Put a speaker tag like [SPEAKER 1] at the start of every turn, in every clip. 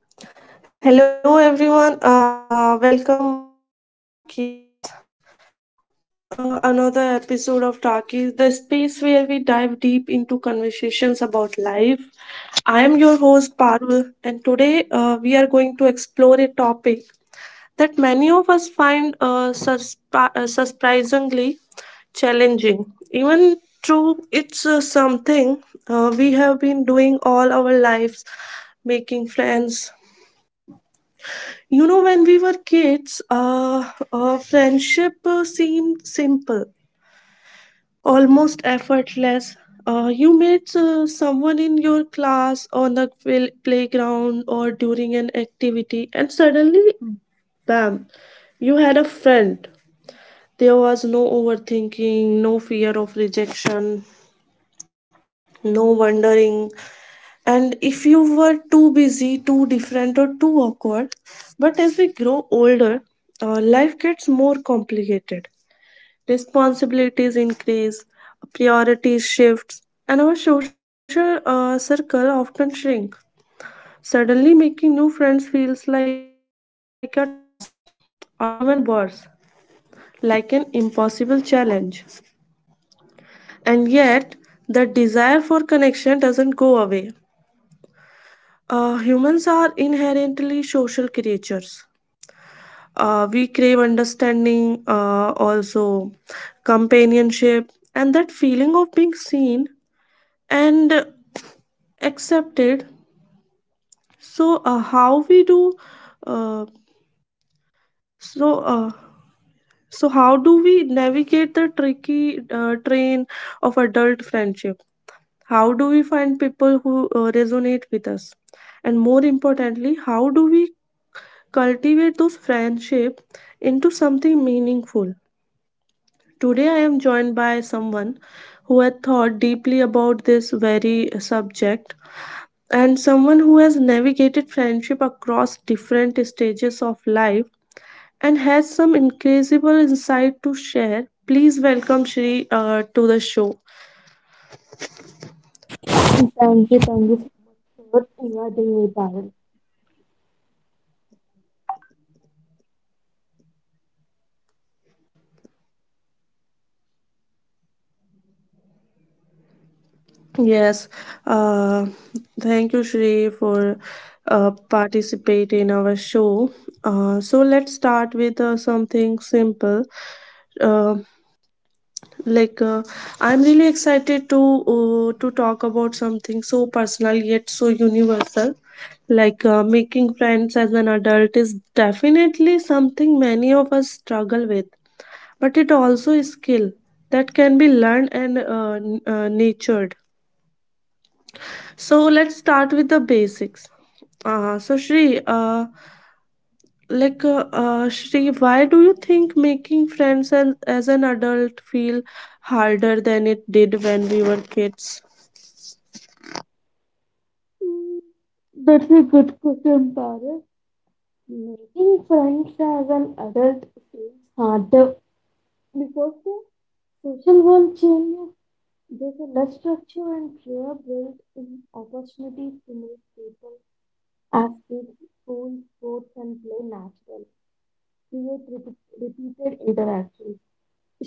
[SPEAKER 1] Hello everyone, welcome back to Talkies, another episode of Talkies, the space where we dive deep into conversations about life. I am your host Parul, and today we are going to explore a topic that many of us find surprisingly challenging, even though it's something we have been doing all our lives making friends. You know, when we were kids, friendship seemed simple, almost effortless. You met someone in your class, on the playground, or during an activity, and suddenly, bam, you had a friend. There was no overthinking, no fear of rejection, no wondering. And if you were too busy, too different, or too awkward, but as we grow older, life gets more complicated. Responsibilities increase, priorities shift, and our social circle often shrink. Suddenly, making new friends feels like a task, or even worse, like an impossible challenge. And yet, the desire for connection doesn't go away. Humans are inherently social creatures. We crave understanding, also companionship, and that feeling of being seen and accepted. So, how we do, uh, so, so how do we navigate the tricky train of adult friendship? How do we find people who resonate with us? And more importantly, how do we cultivate those friendship into something meaningful? Today, I am joined by someone who had thought deeply about this very subject and someone who has navigated friendship across different stages of life and has some incredible insight to share. Please welcome Shri to the show.
[SPEAKER 2] Thank you so much for what you are doing, Parul.
[SPEAKER 1] Yes, uh, thank you, Shri, for participate in our show. So let's start with something simple. Uh, like uh, I'm really excited to talk about something so personal yet so universal, like making friends as an adult is definitely something many of us struggle with, but it also is skill that can be learned and nurtured. So let's start with the basics. uh, so shri uh, Shri, why do you think making friends as an adult feel harder than it did when we were kids?
[SPEAKER 2] Mm, That's a good question, Parul. Making friends as an adult feels harder because the social world changes. There's a less structure and fewer built in opportunities to meet people as kids, school, sports, and play naturally. Repeated interactions,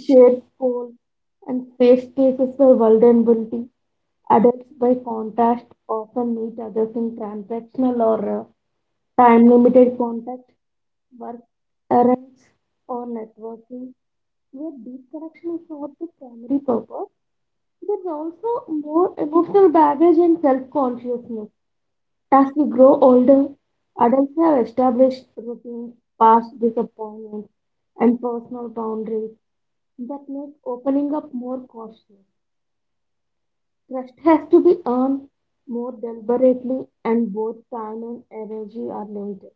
[SPEAKER 2] shared goals, and safe spaces for vulnerability. Adults, by contrast, often meet others in transactional or time limited contacts, work errands, or networking, where deep connection is not the primary purpose. There's also more emotional baggage and self consciousness. As we grow older, adults have established routines, past disappointments, and personal boundaries that make opening up more cautious. Trust has to be earned more deliberately, and both time and energy are limited.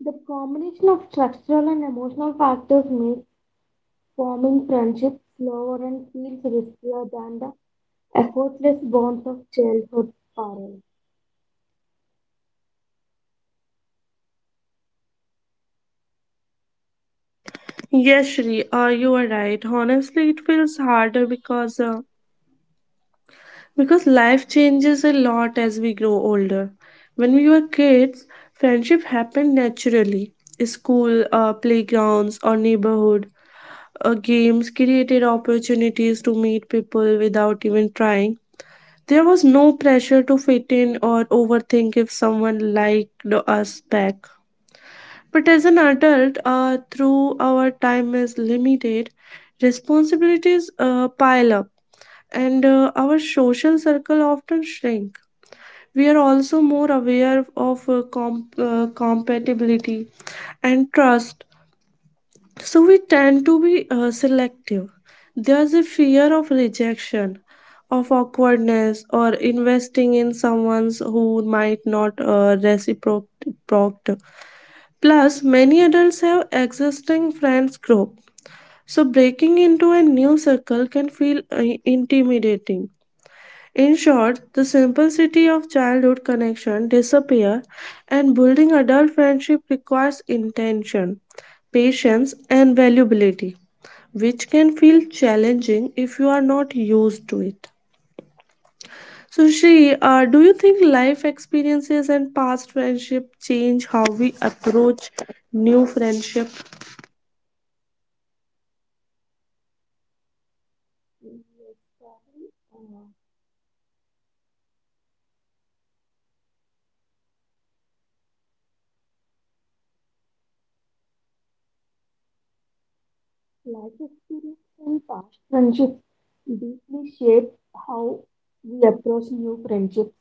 [SPEAKER 2] The combination of structural and emotional factors make forming friendships slower and feels riskier than the effortless bonds of childhood parents.
[SPEAKER 1] Yes, Shri, you are right. Honestly, it feels harder because life changes a lot as we grow older. When we were kids, friendship happened naturally. School, playgrounds, or neighborhood games created opportunities to meet people without even trying. There was no pressure to fit in or overthink if someone liked us back. But as an adult, through our time is limited, responsibilities pile up, and our social circle often shrink. We are also more aware of compatibility and trust, so we tend to be selective. There's a fear of rejection, of awkwardness, or investing in someone who might not reciprocate. Plus, many adults have existing friends group, so breaking into a new circle can feel intimidating. In short, the simplicity of childhood connection disappear, and building adult friendship requires intention, patience, and valuability, which can feel challenging if you are not used to it. So, Shri, do you think life experiences and past friendship change how we approach new friendship?
[SPEAKER 2] Yes, Carol, uh, life experience and past friendships deeply shape how we approach new friendships.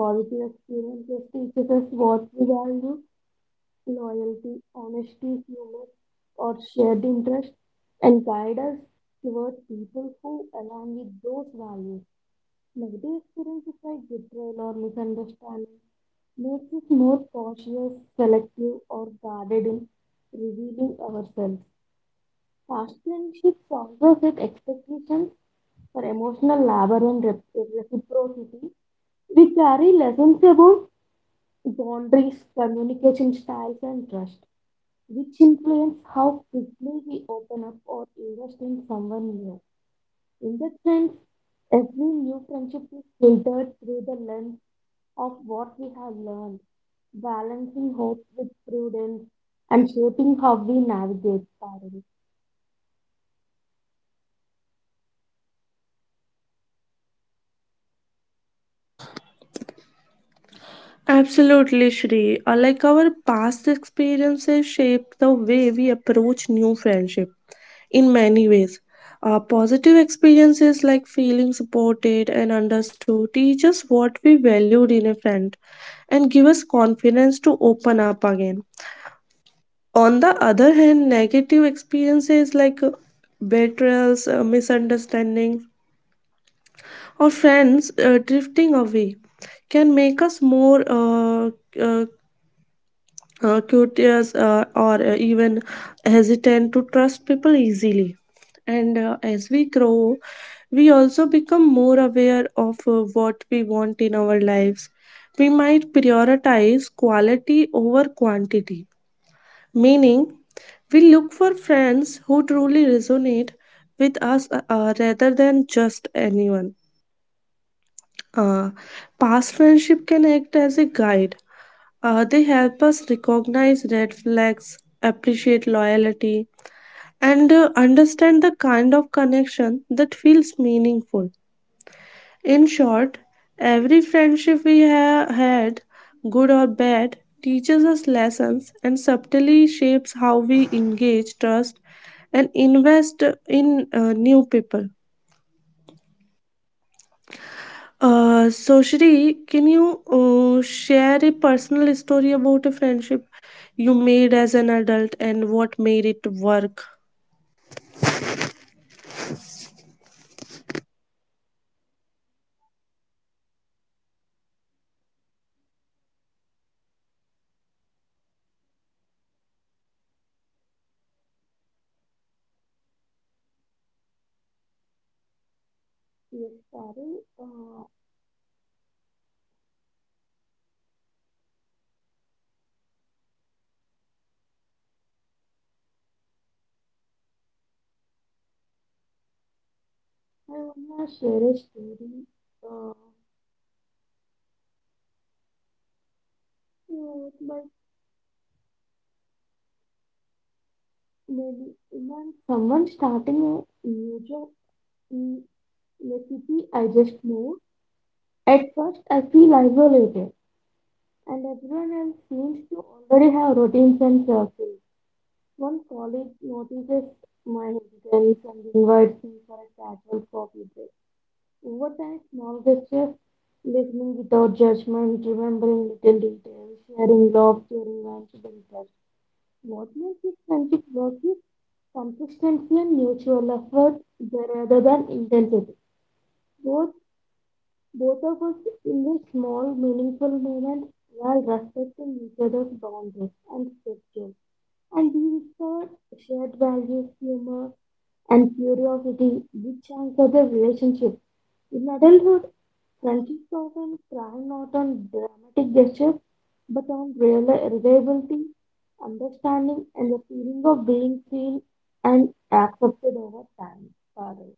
[SPEAKER 2] Positive experiences teaches us what we value: loyalty, honesty, humor, or shared interest, and guide us toward people who align with those values. Negative experiences like betrayal or misunderstanding makes us more cautious, selective, or guarded in revealing ourselves. Past friendships also set expectations for emotional labor and reciprocity. We carry lessons about boundaries, communication styles, and trust, which influence how quickly we open up or invest in someone new. In that sense, every new friendship is filtered through the lens of what we have learned, balancing hope with prudence and shaping how we navigate Parul.
[SPEAKER 1] Absolutely, Shri. Like our past experiences shape the way we approach new friendship in many ways. Positive experiences like feeling supported and understood teach us what we valued in a friend and give us confidence to open up again. On the other hand, negative experiences like betrayals, misunderstandings, or friends drifting away can make us more uh, curious, or even hesitant to trust people easily. And as we grow, we also become more aware of what we want in our lives. We might prioritize quality over quantity, meaning we look for friends who truly resonate with us, rather than just anyone. Uh, past friendship can act as a guide. They help us recognize red flags, appreciate loyalty, and understand the kind of connection that feels meaningful. In short, every friendship we have had, good or bad, teaches us lessons and subtly shapes how we engage, trust, and invest in new people. Shri, can you share a personal story about a friendship you made as an adult and what made it work?
[SPEAKER 2] Yes, Parul, I wanna share a story. Uh, like maybe when someone starting a new job in a city I just moved. At first, I feel isolated, and everyone else seems to already have routines and circles. One colleague notices my hesitance and invites me for a casual coffee break. Over time, small gestures, listening without judgment, remembering little details, sharing love during lunch break. What makes this friendship work is consistency and mutual effort rather than intensity. Both Both of us invest small, meaningful moments while respecting each other's boundaries and schedule. And we discover shared values, humor, and curiosity, which anchor the relationship. In adulthood, friendships often thrive not on dramatic gestures, but on real reliability, understanding, and the feeling of being seen and accepted over time. Sorry.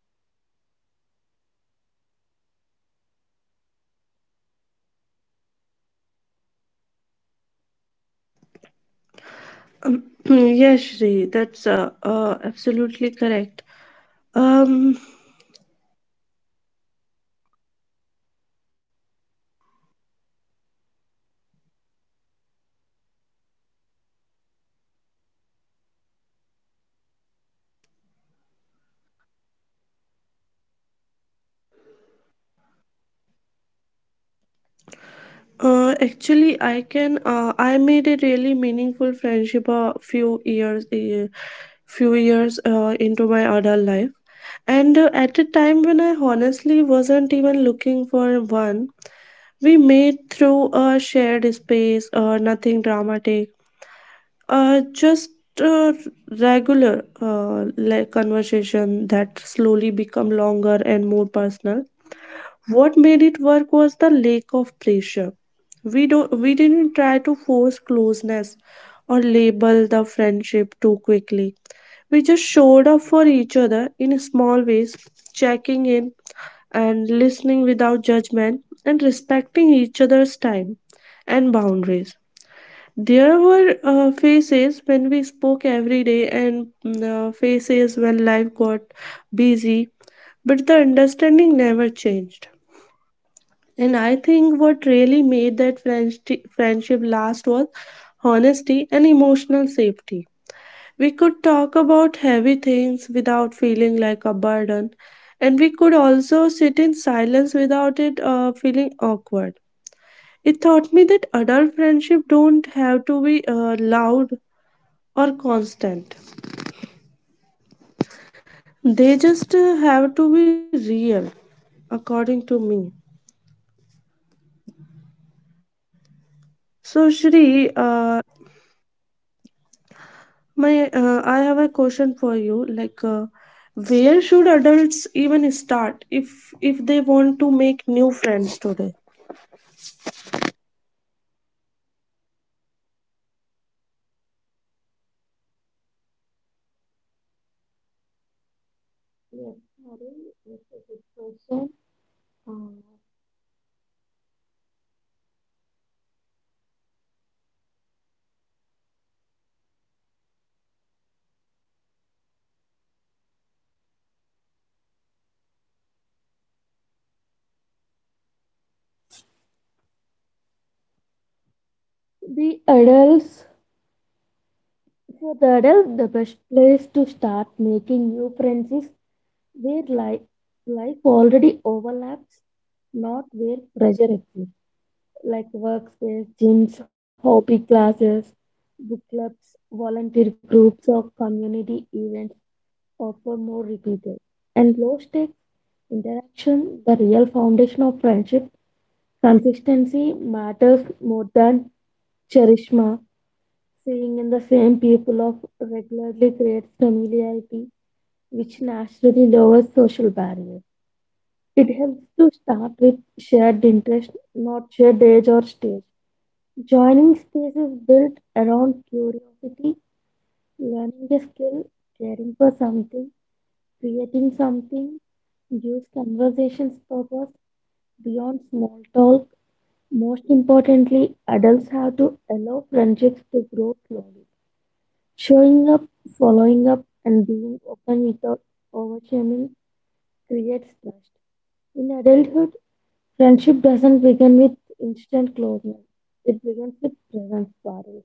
[SPEAKER 1] Yes, Shri, that's absolutely correct. Um, actually, I can. I made a really meaningful friendship few years into my adult life, and at a time when I honestly wasn't even looking for one. We made through a shared space, nothing dramatic, just uh, regular like conversation that slowly become longer and more personal. What made it work was the lack of pressure. We didn't try to force closeness or label the friendship too quickly. We just showed up for each other in small ways, checking in and listening without judgment and respecting each other's time and boundaries. There were phases when we spoke every day and phases when life got busy, but the understanding never changed. And I think what really made that friendship last was honesty and emotional safety. We could talk about heavy things without feeling like a burden, and we could also sit in silence without it feeling awkward. It taught me that adult friendship don't have to be loud or constant. They just have to be real, according to me. So, Shri, I have a question for you. Where should adults even start if they want to make new friends today?
[SPEAKER 2] Yes, sorry. Yes, a good question. Uh, The adults, for the adult, the best place to start making new friends is where life already overlaps, not where pressure exists, like workspace, gyms, hobby classes, book clubs, volunteer groups, or community events offer more repeated and low stakes interaction. The real foundation of friendship consistency matters more than charisma. Seeing in the same people of regularly creates familiarity, which naturally lowers social barriers. It helps to start with shared interest, not shared age or stage. Joining spaces built around curiosity, learning a skill, caring for something, creating something, gives conversations purpose beyond small talk. Most importantly, adults have to allow friendships to grow slowly. Showing up, following up, and being open without overshaming creates trust. In adulthood, friendship doesn't begin with instant closeness. It begins with presence, Parul.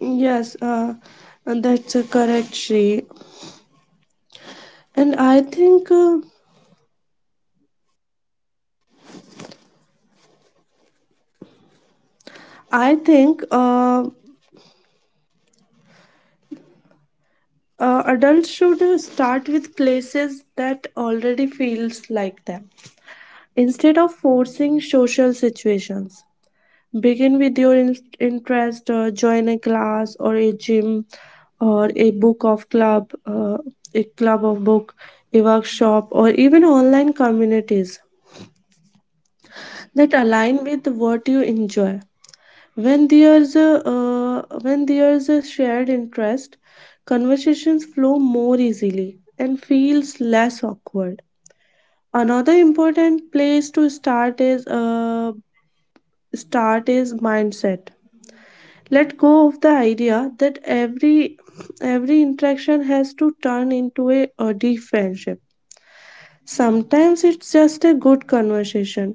[SPEAKER 1] Yes, and that's correct, Shri. And I think adults should start with places that already feels like them instead of forcing social situations. Begin with your interest, join a class or a gym or a book of club, a club of book, a workshop, or even online communities that align with what you enjoy. When there's a shared interest, conversations flow more easily and feels less awkward. Another important place to start is mindset let go of the idea that every interaction has to turn into a deep friendship. Sometimes it's just a good conversation,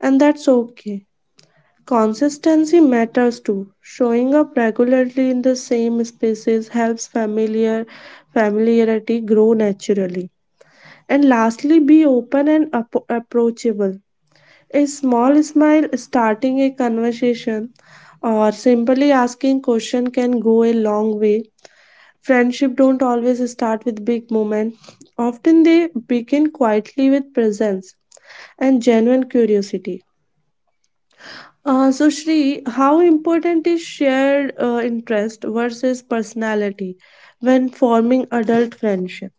[SPEAKER 1] and that's okay. Consistency matters too; showing up regularly in the same spaces helps familiarity grow naturally. And lastly, be open and approachable. A small smile, starting a conversation, or simply asking question can go a long way. Friendship don't always start with big moments. Often they begin quietly with presence and genuine curiosity. Shri, how important is shared interest versus personality when forming adult friendship?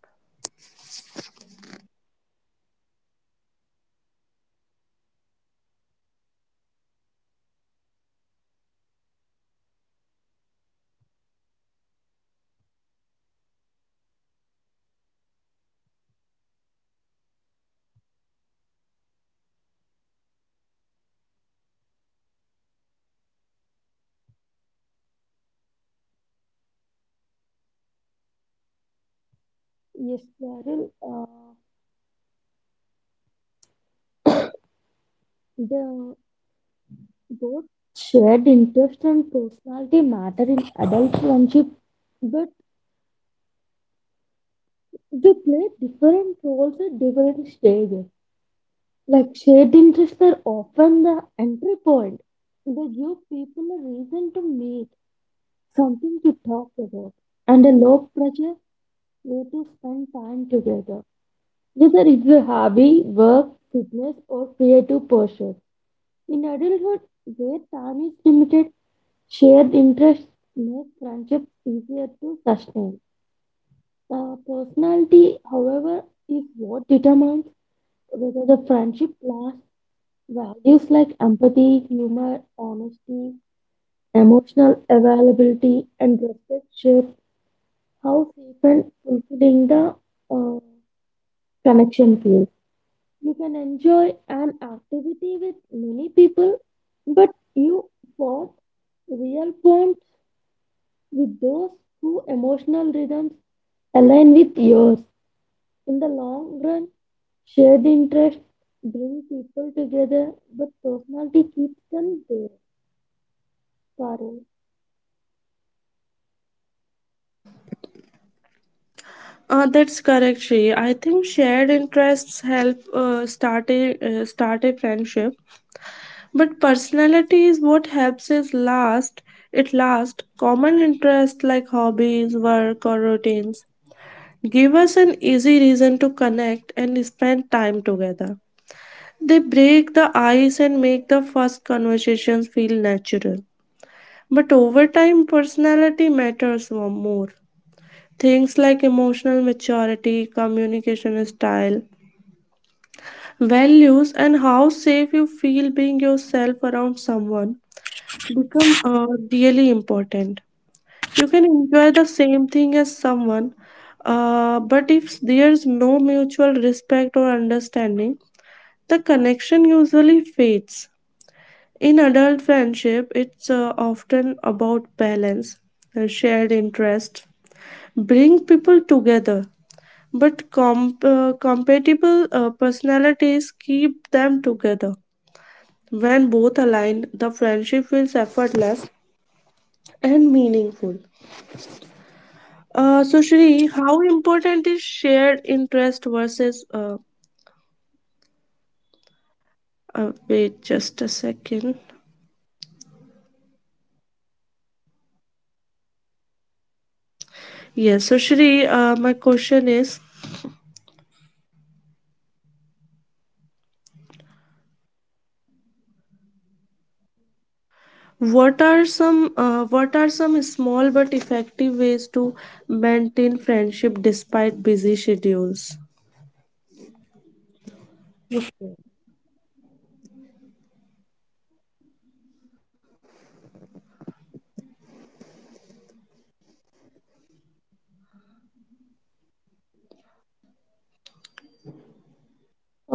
[SPEAKER 2] Yes, Parul. The Both shared interest and personality matter in adult friendship, but they play different roles at different stages. Like shared interests are often the entry point. They give people a reason to meet, something to talk about, and a low pressure way to spend time together. Whether it's a hobby, work, fitness, or creative pursuit. In adulthood, where time is limited, shared interests make friendships easier to sustain. Personality, however, is what determines whether the friendship lasts. Values like empathy, humor, honesty, emotional availability, and respect shape how frequent fulfilling the uh, connection feels. You can enjoy an activity with many people, but you form real bonds with those who emotional rhythms align with yours. In the long run, shared interests bring people together, but personality keeps them there. Parul,
[SPEAKER 1] That's correct, Shri. I think shared interests help start a friendship, but personality is what helps us last. It last. Common interests like hobbies, work, or routines give us an easy reason to connect and spend time together. They break the ice and make the first conversations feel natural. But over time, personality matters more. Things like emotional maturity, communication style, values, and how safe you feel being yourself around someone become really important. You can enjoy the same thing as someone, but if there's no mutual respect or understanding, the connection usually fades. In adult friendship, it's often about balance, shared interest bring people together, but compatible personalities keep them together. When both align, the friendship feels effortless and meaningful. Shri, how important is shared interest versus wait just a second. Yes, so Shri, my question is, what are some small but effective ways to maintain friendship despite busy schedules?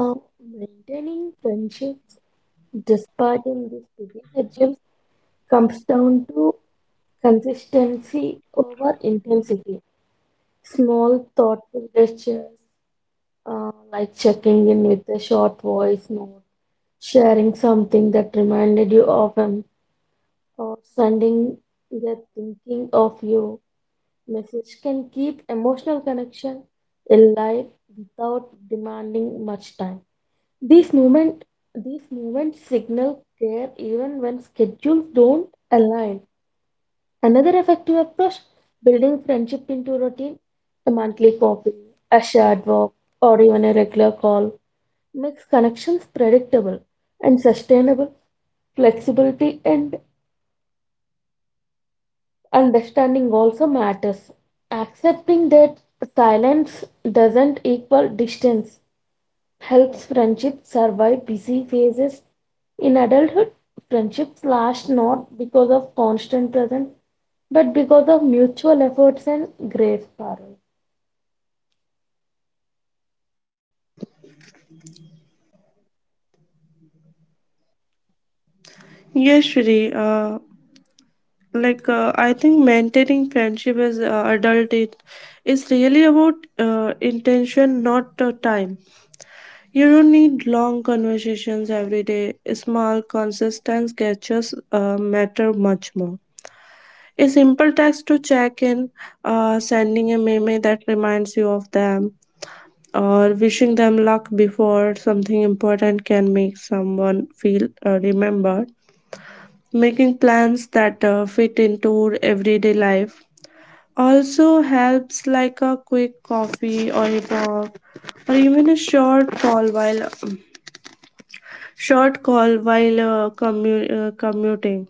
[SPEAKER 2] uh, maintaining friendships despite in this busy schedule comes down to consistency over intensity. Small, thoughtful gestures like checking in with a short voice note, sharing something that reminded you of him, or sending the thinking of you message can keep emotional connection alive without demanding much time. These movement, these movements signal care even when schedules don't align. Another effective approach, building friendship into routine, a monthly coffee, a shared walk, or even a regular call makes connections predictable and sustainable. Flexibility and understanding also matters. Accepting that silence doesn't equal distance helps friendship survive busy phases. In adulthood, friendships last not because of constant presence, but because of mutual efforts and grace, Parul.
[SPEAKER 1] Yes, Shri. I think maintaining friendship as adult, it is really about intention, not time. You don't need long conversations every day. Small, consistent gestures matter much more. A simple text to check in, sending a meme that reminds you of them, or wishing them luck before something important can make someone feel remembered. Making plans that fit into everyday life also helps, like a quick coffee or a walk, or even a short call while commuting.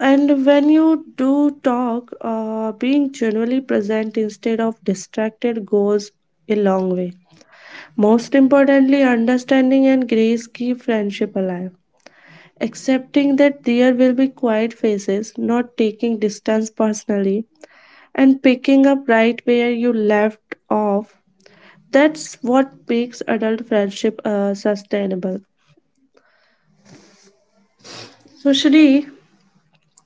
[SPEAKER 1] And when you do talk, being genuinely present instead of distracted goes a long way. Most importantly, understanding and grace keep friendship alive. Accepting that there will be quiet phases, not taking distance personally, and picking up right where you left off. That's what makes adult friendship sustainable. So, Shri,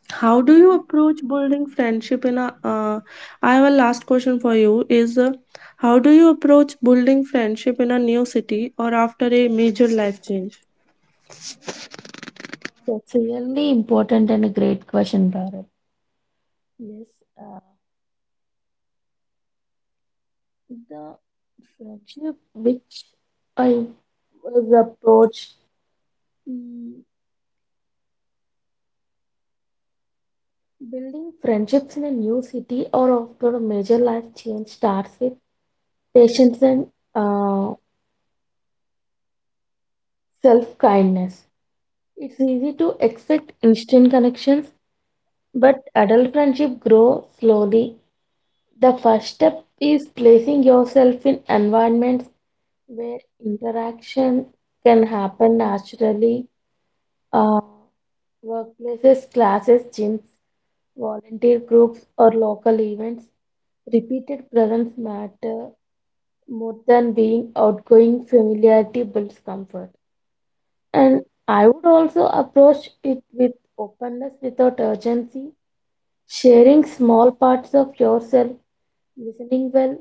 [SPEAKER 1] How do
[SPEAKER 2] Mhm.
[SPEAKER 1] you approach building friendship in a? I have a last question for you. Is how do you approach building friendship in a new city or after a major life change?
[SPEAKER 2] That's really important and a great question, Bharat. Yes, uh, the friendship which I was approached, mm, building friendships in a new city or after a major life change starts with patience and uh, self kindness. It's easy to expect instant connections, but adult friendship grow slowly. The first step is placing yourself in environments where interaction can happen naturally. Uh, Workplaces, classes, gyms, volunteer groups, or local events. Repeated presence matter more than being outgoing. Familiarity builds comfort. And I would also approach it with openness without urgency. Sharing small parts of yourself, listening well,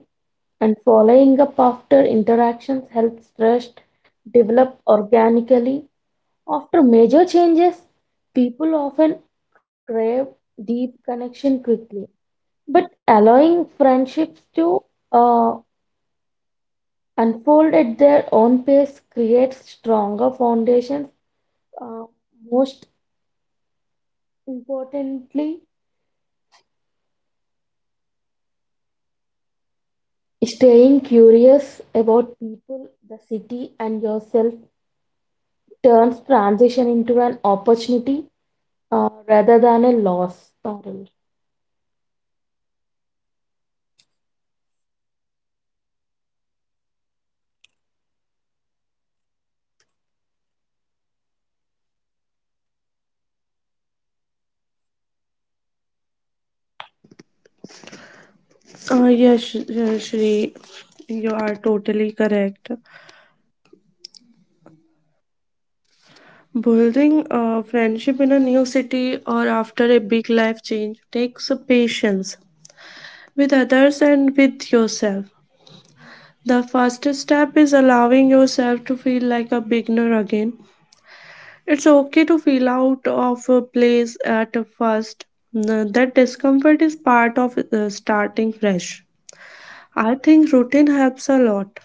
[SPEAKER 2] and following up after interactions helps trust develop organically. After major changes, people often crave deep connection quickly, but allowing friendships to uh, unfold at their own pace creates stronger foundations. Uh, Most importantly, staying curious about people, the city, and yourself turns transition into an opportunity rather than a loss. Parul.
[SPEAKER 1] Shri, you are totally correct. Building a friendship in a new city or after a big life change takes patience with others and with yourself. The first step is allowing yourself to feel like a beginner again. It's okay to feel out of a place at first. That discomfort is part of starting fresh. I think routine helps a lot.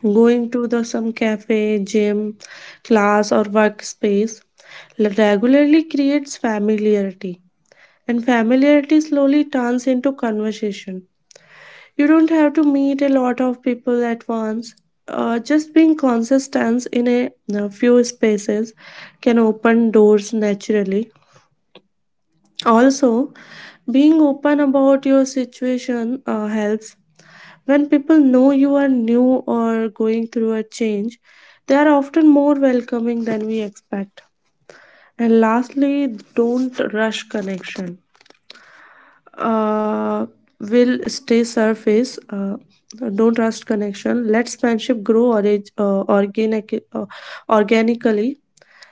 [SPEAKER 1] Going to the some cafe, gym, class or workspace regularly creates familiarity, and familiarity slowly turns into conversation. You don't have to meet a lot of people at once. Just being consistent in a few spaces can open doors naturally. Also, being open about your situation helps. When people know you are new or going through a change, they are often more welcoming than we expect. And lastly, don't rush connection. Uh, will stay surface. Don't rush connection. Let friendship grow organically.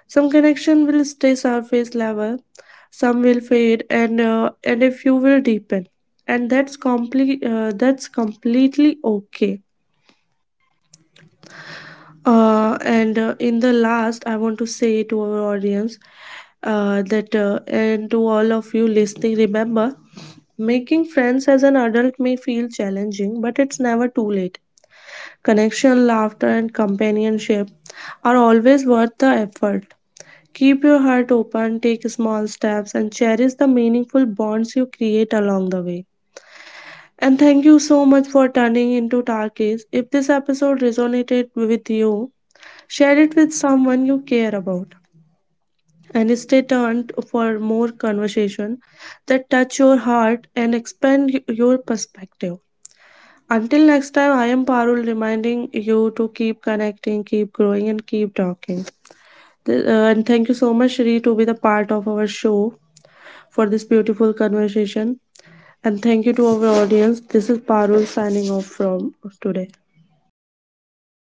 [SPEAKER 1] Some connection will stay surface level, some will fade, and and a few will deepen, and that's completely okay. And In the last, I want to say to our audience that and to all of you listening, remember making friends as an adult may feel challenging, but it's never too late. Connection, laughter, and companionship are always worth the effort. Keep your heart open, take small steps, and cherish the meaningful bonds you create along the way. And thank you so much for turning into Tarkis. If this episode resonated with you, share it with someone you care about. And stay tuned for more conversation that touch your heart and expand your perspective. Until next time, I am Parul reminding you to keep connecting, keep growing, and keep talking. And thank you so much, Shri, to be the part of our show for this beautiful conversation. And thank you to our audience. This is Parul signing off from today.